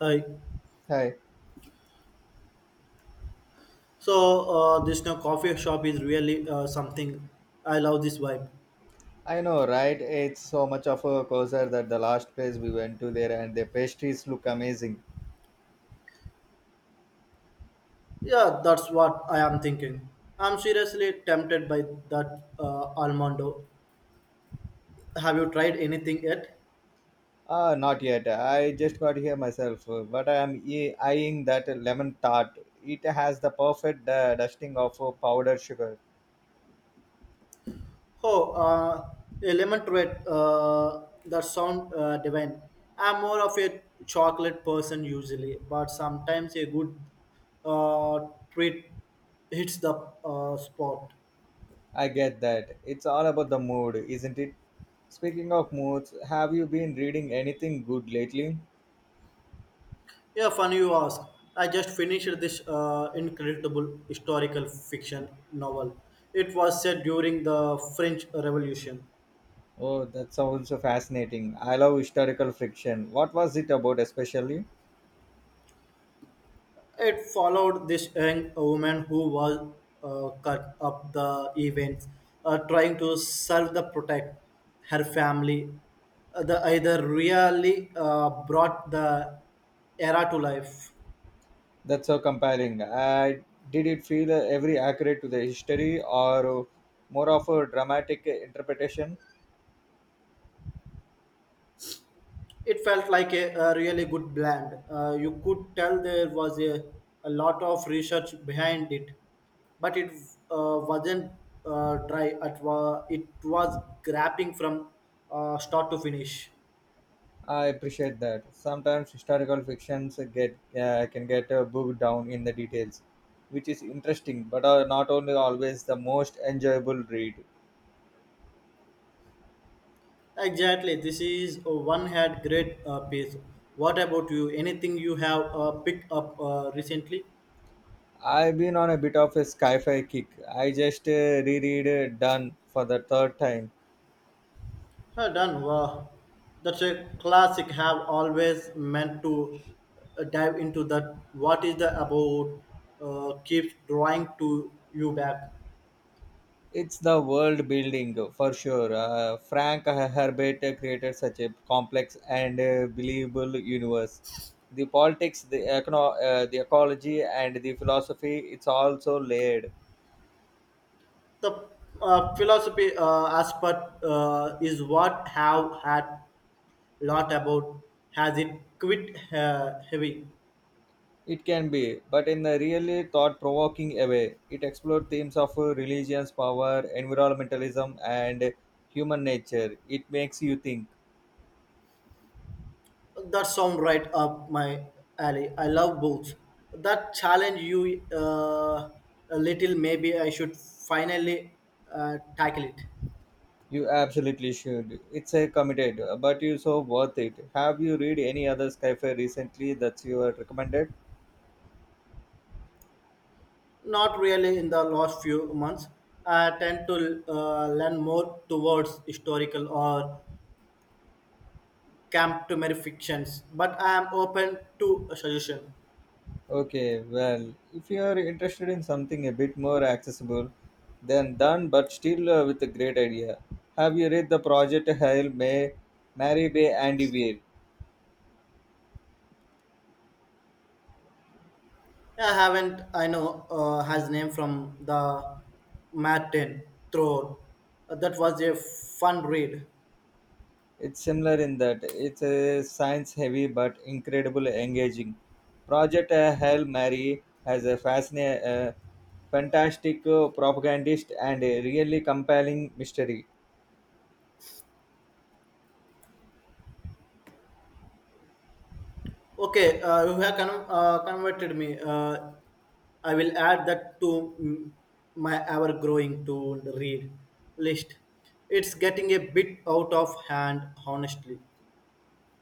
Hi. Hi, So this new coffee shop is really something. I love this vibe. I know, right? It's so much of a coaster that the last place we went to there and the pastries look amazing. Yeah, that's what I am thinking. I'm seriously tempted by that almondo. Have you tried anything yet? Ah, not yet. I just got here myself, but I am eyeing that lemon tart. It has the perfect dusting of powdered sugar. Oh, uh, a lemon treat. That sound divine. I'm more of a chocolate person usually, but sometimes a good uh, treat hits the spot. I get that. It's all about the mood, isn't it? Speaking of moods, have you been reading anything good lately? Yeah, funny you ask. I just finished this incredible historical fiction novel. It was set during the French Revolution. Oh, that sounds so fascinating. I love historical fiction. What was it about especially? It followed this young woman who was cut up the events, trying to serve the protect her family. The either really brought the era to life. That's so comparing. Did it feel every accurate to the history or more of a dramatic interpretation? It felt like a really good blend. You could tell there was a lot of research behind it, but it wasn't dry. It was grabbing from start to finish. I appreciate that. Sometimes historical fictions get can get bogged down in the details, which is interesting, but are not only always the most enjoyable read. Exactly. This is one had great piece. What about you? Anything you have picked up recently? I've been on a bit of a sci-fi kick. I just reread Done for the third time. Well done. Wow. That's a classic. Have always meant to dive into that. What is the about keeps drawing to you back? It's the world building for sure. Frank Herbert created such a complex and believable universe. The politics, the the ecology, and the philosophy, it's also layered. The philosophy aspect is what have had lot about. Has it quit heavy? It can be, but in a really thought provoking way. It explored themes of religions, power, environmentalism, and human nature. It makes you think. That sound right up my alley. I love books that challenge you a little. Maybe I should finally tackle it. You absolutely should. It's a committed, but you so worth it. Have you read any other sci-fi recently that you are recommended? Not really in the last few months. I tend to lean more towards historical or camp to fictions, but I am open to a suggestion. Okay, well, if you are interested in something a bit more accessible, then done, but still with a great idea. Have you read the Project Hail May, Mary Bay Andy Weir? I haven't, I know, has name from the Martin Throne. That was a fun read. It's similar in that it's a science-heavy but incredibly engaging. Project Hail Mary has a fascinating fantastic propagandist and a really compelling mystery. Okay, you have converted me. I will add that to my ever growing to read list. It's getting a bit out of hand, honestly.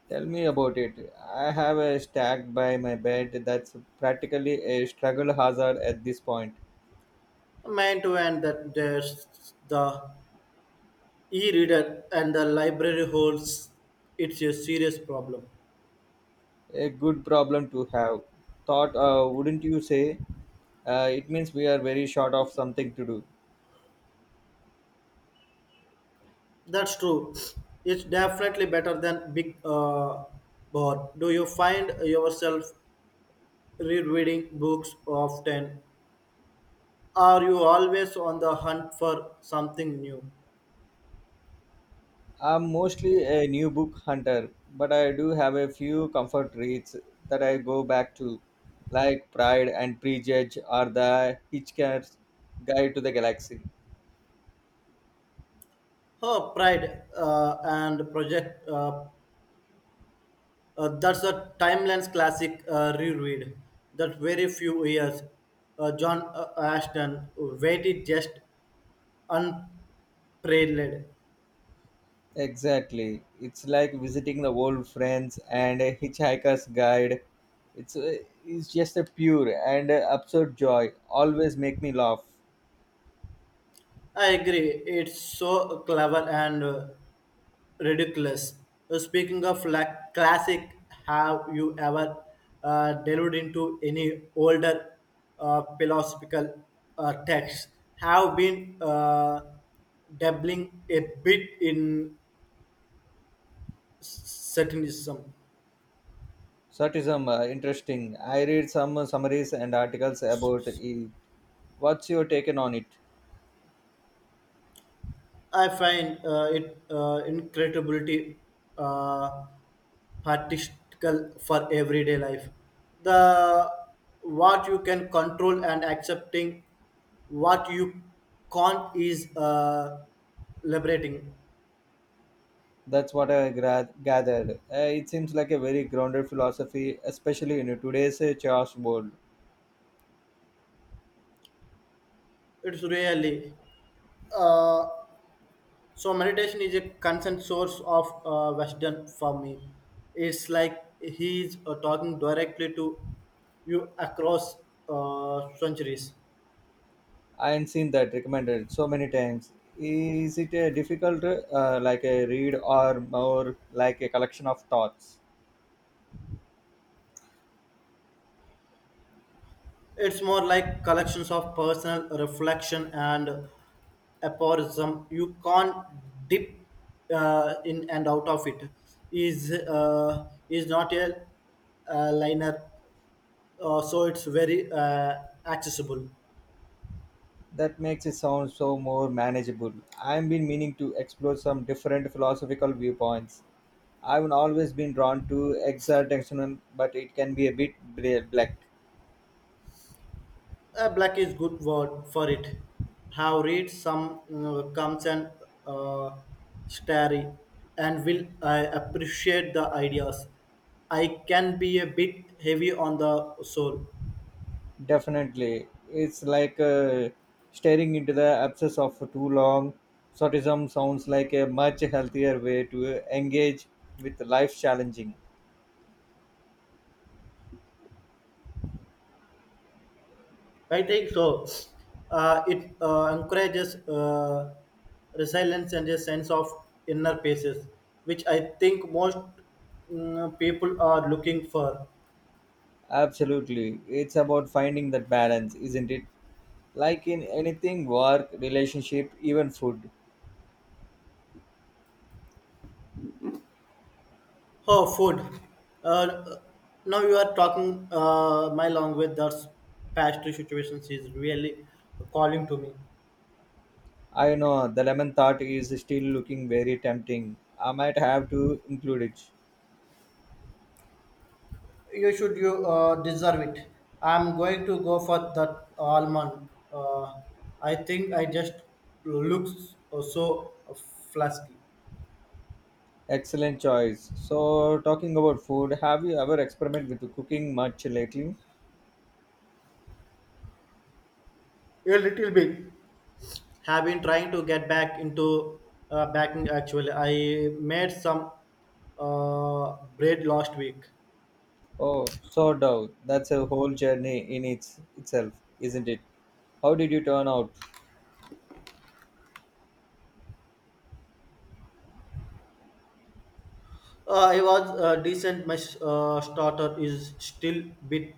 Tell me about it. I have a stack by my bed that's practically a struggle hazard at this point. Man to end that there's the e reader and the library holds it's a serious problem. A good problem to have. Thought, wouldn't you say? It means we are very short of something to do. That's true. It's definitely better than big board. Do you find yourself rereading books often? Are you always on the hunt for something new? I'm mostly a new book hunter, but I do have a few comfort reads that I go back to, like Pride and Prejudge or The Hitchhiker's Guide to the Galaxy. Her Pride and Project. That's a Timelines classic reread that very few years. John Ashton waited just unparalleled. Exactly. It's like visiting the old friends and a hitchhiker's guide. It's it's just a pure and absurd joy. Always make me laugh. I agree. It's so clever and ridiculous. Speaking of like classic, have you ever delved into any older philosophical texts? Have been dabbling a bit in s- Satanism. Sortism, interesting. I read some summaries and articles about it. What's your take on it? I find it incredibility uh, practical for everyday life. The what you can control and accepting what you can't is liberating. That's what I gathered. It seems like a very grounded philosophy, especially in today's chaos world. It's really uh, so meditation is a constant source of wisdom for me. It's like he's talking directly to you across centuries. I ain't seen that recommended so many times. Is it a difficult, like a read, or more like a collection of thoughts? It's more like collections of personal reflection and aphorism. You can't dip in and out of it. Is not a, liner, so it's very accessible. That makes it sound so more manageable. I've been meaning to explore some different philosophical viewpoints. I've always been drawn to existential, but it can be a bit black. Black is good word for it. Have read some comes and uh, starry and will I appreciate the ideas. I can be a bit heavy on the soul. Definitely, it's like staring into the absence of too long. Sortism sounds like a much healthier way to engage with life challenging. I think so. It encourages resilience and a sense of inner peace, which I think most people are looking for. Absolutely. It's about finding that balance, isn't it? Like in anything, work, relationship, even food. Oh, food. Uh, Now you are talking my language. That's pastry situations is really calling to me. I know the lemon tart is still looking very tempting. I might have to include it. You should you deserve it. I'm going to go for that almond. I think I just looks so flasky. Excellent choice. So, talking about food, have you ever experimented with cooking much lately? A little bit have been trying to get back into backing actually. I made some bread last week. Oh, so dough. That's a whole journey in its itself, isn't it? How did you turn out? I was decent. My starter is still bit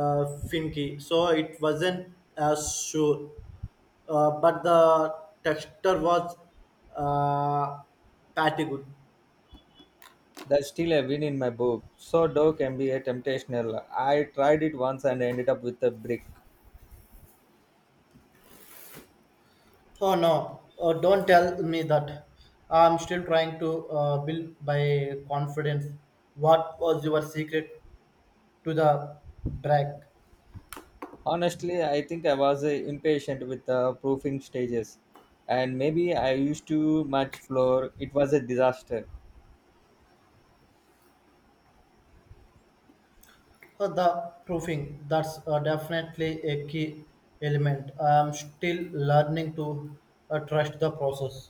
uh, finky so it wasn't as sure, but the texture was uh, pretty good. That's still a win in my book. So dough can be a temptational. I tried it once and ended up with a brick. Oh no, oh, don't tell me that. I'm still trying to build my confidence. What was your secret to the brag? Honestly, I think I was impatient with the proofing stages, and maybe I used too much flour. It was a disaster. Oh, the proofing, that's definitely a key element. I'm still learning to trust the process.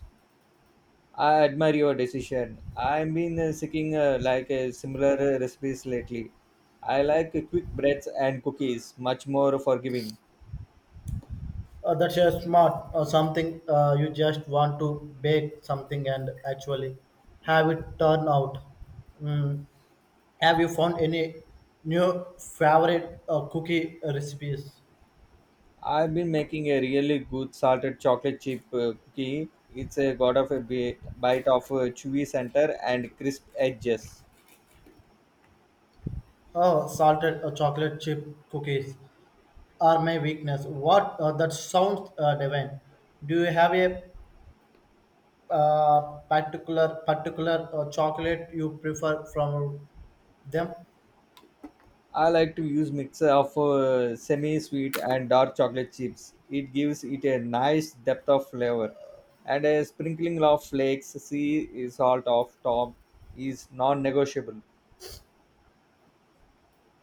I admire your decision. I've been seeking like similar recipes lately. I like quick breads and cookies, much more forgiving. That's a smart or something you just want to bake something and actually have it turn out. Mm. Have you found any new favorite cookie recipes? I've been making a really good salted chocolate chip cookie. It's got of a bite of chewy center and crisp edges. Oh, salted chocolate chip cookies are my weakness. What that sounds divine. Do you have a uh, particular chocolate you prefer from them? I like to use mixer of semi-sweet and dark chocolate chips. It gives it a nice depth of flavor, and a sprinkling of flakes, sea salt of top is non-negotiable.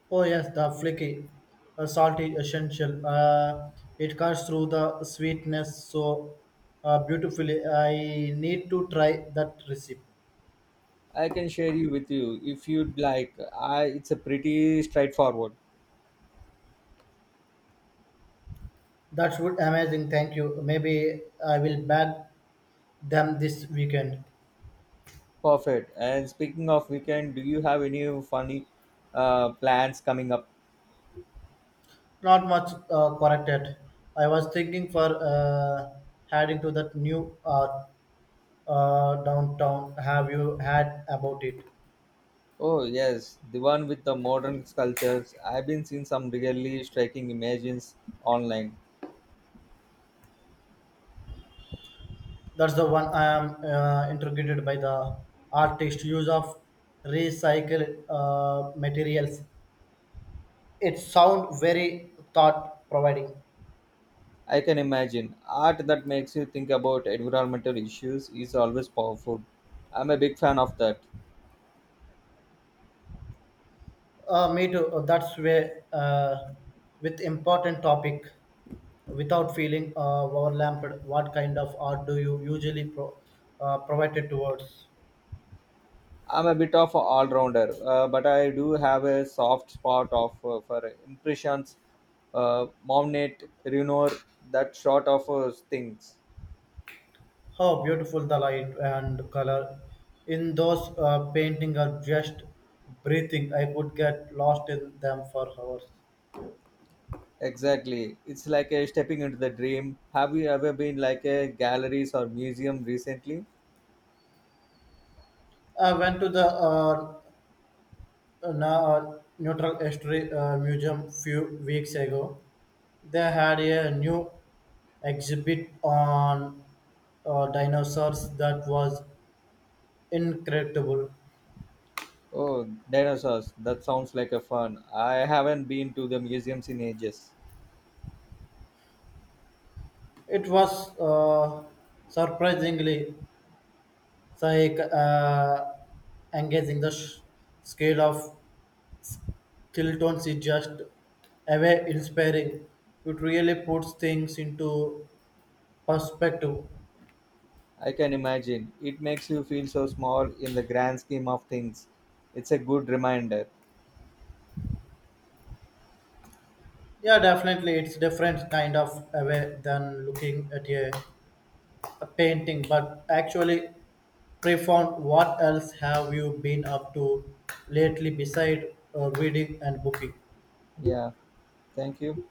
Oh yes, the flaky, salty essential. It cuts through the sweetness so beautifully. I need to try that recipe. I can share you with you if you'd like. I it's a pretty straightforward. That's would amazing. Thank you. Maybe I will bag them this weekend. Perfect. And speaking of weekend, do you have any funny plans coming up? Not much corrected. I was thinking for heading to that new downtown. Have you had about it? Oh yes, the one with the modern sculptures. I've been seeing some really striking images online. That's the one I am intrigued by the artist use of recycled materials. It sound very thought providing. I can imagine. Art that makes you think about environmental issues is always powerful. I'm a big fan of that. Me too. That's where with important topic, without feeling overwhelmed. What kind of art do you usually provide it towards? I'm a bit of an all rounder, but I do have a soft spot of for impressions, Monet, Renoir, that sort of things. How beautiful the light and color in those paintings are just breathing. I could get lost in them for hours. Exactly. It's like a stepping into the dream. Have you ever been like a galleries or museum recently? I went to the neutral history museum few weeks ago. They had a new exhibit on dinosaurs that was incredible. Oh, dinosaurs. That sounds like a fun. I haven't been to the museums in ages. It was surprisingly psych, uh, engaging. The scale of Tilton's is just away inspiring. It really puts things into perspective. I can imagine. It makes you feel so small in the grand scheme of things. It's a good reminder. Yeah, definitely, it's different kind of away than looking at a painting. But actually, profound. What else have you been up to lately beside reading and booking? Yeah, thank you.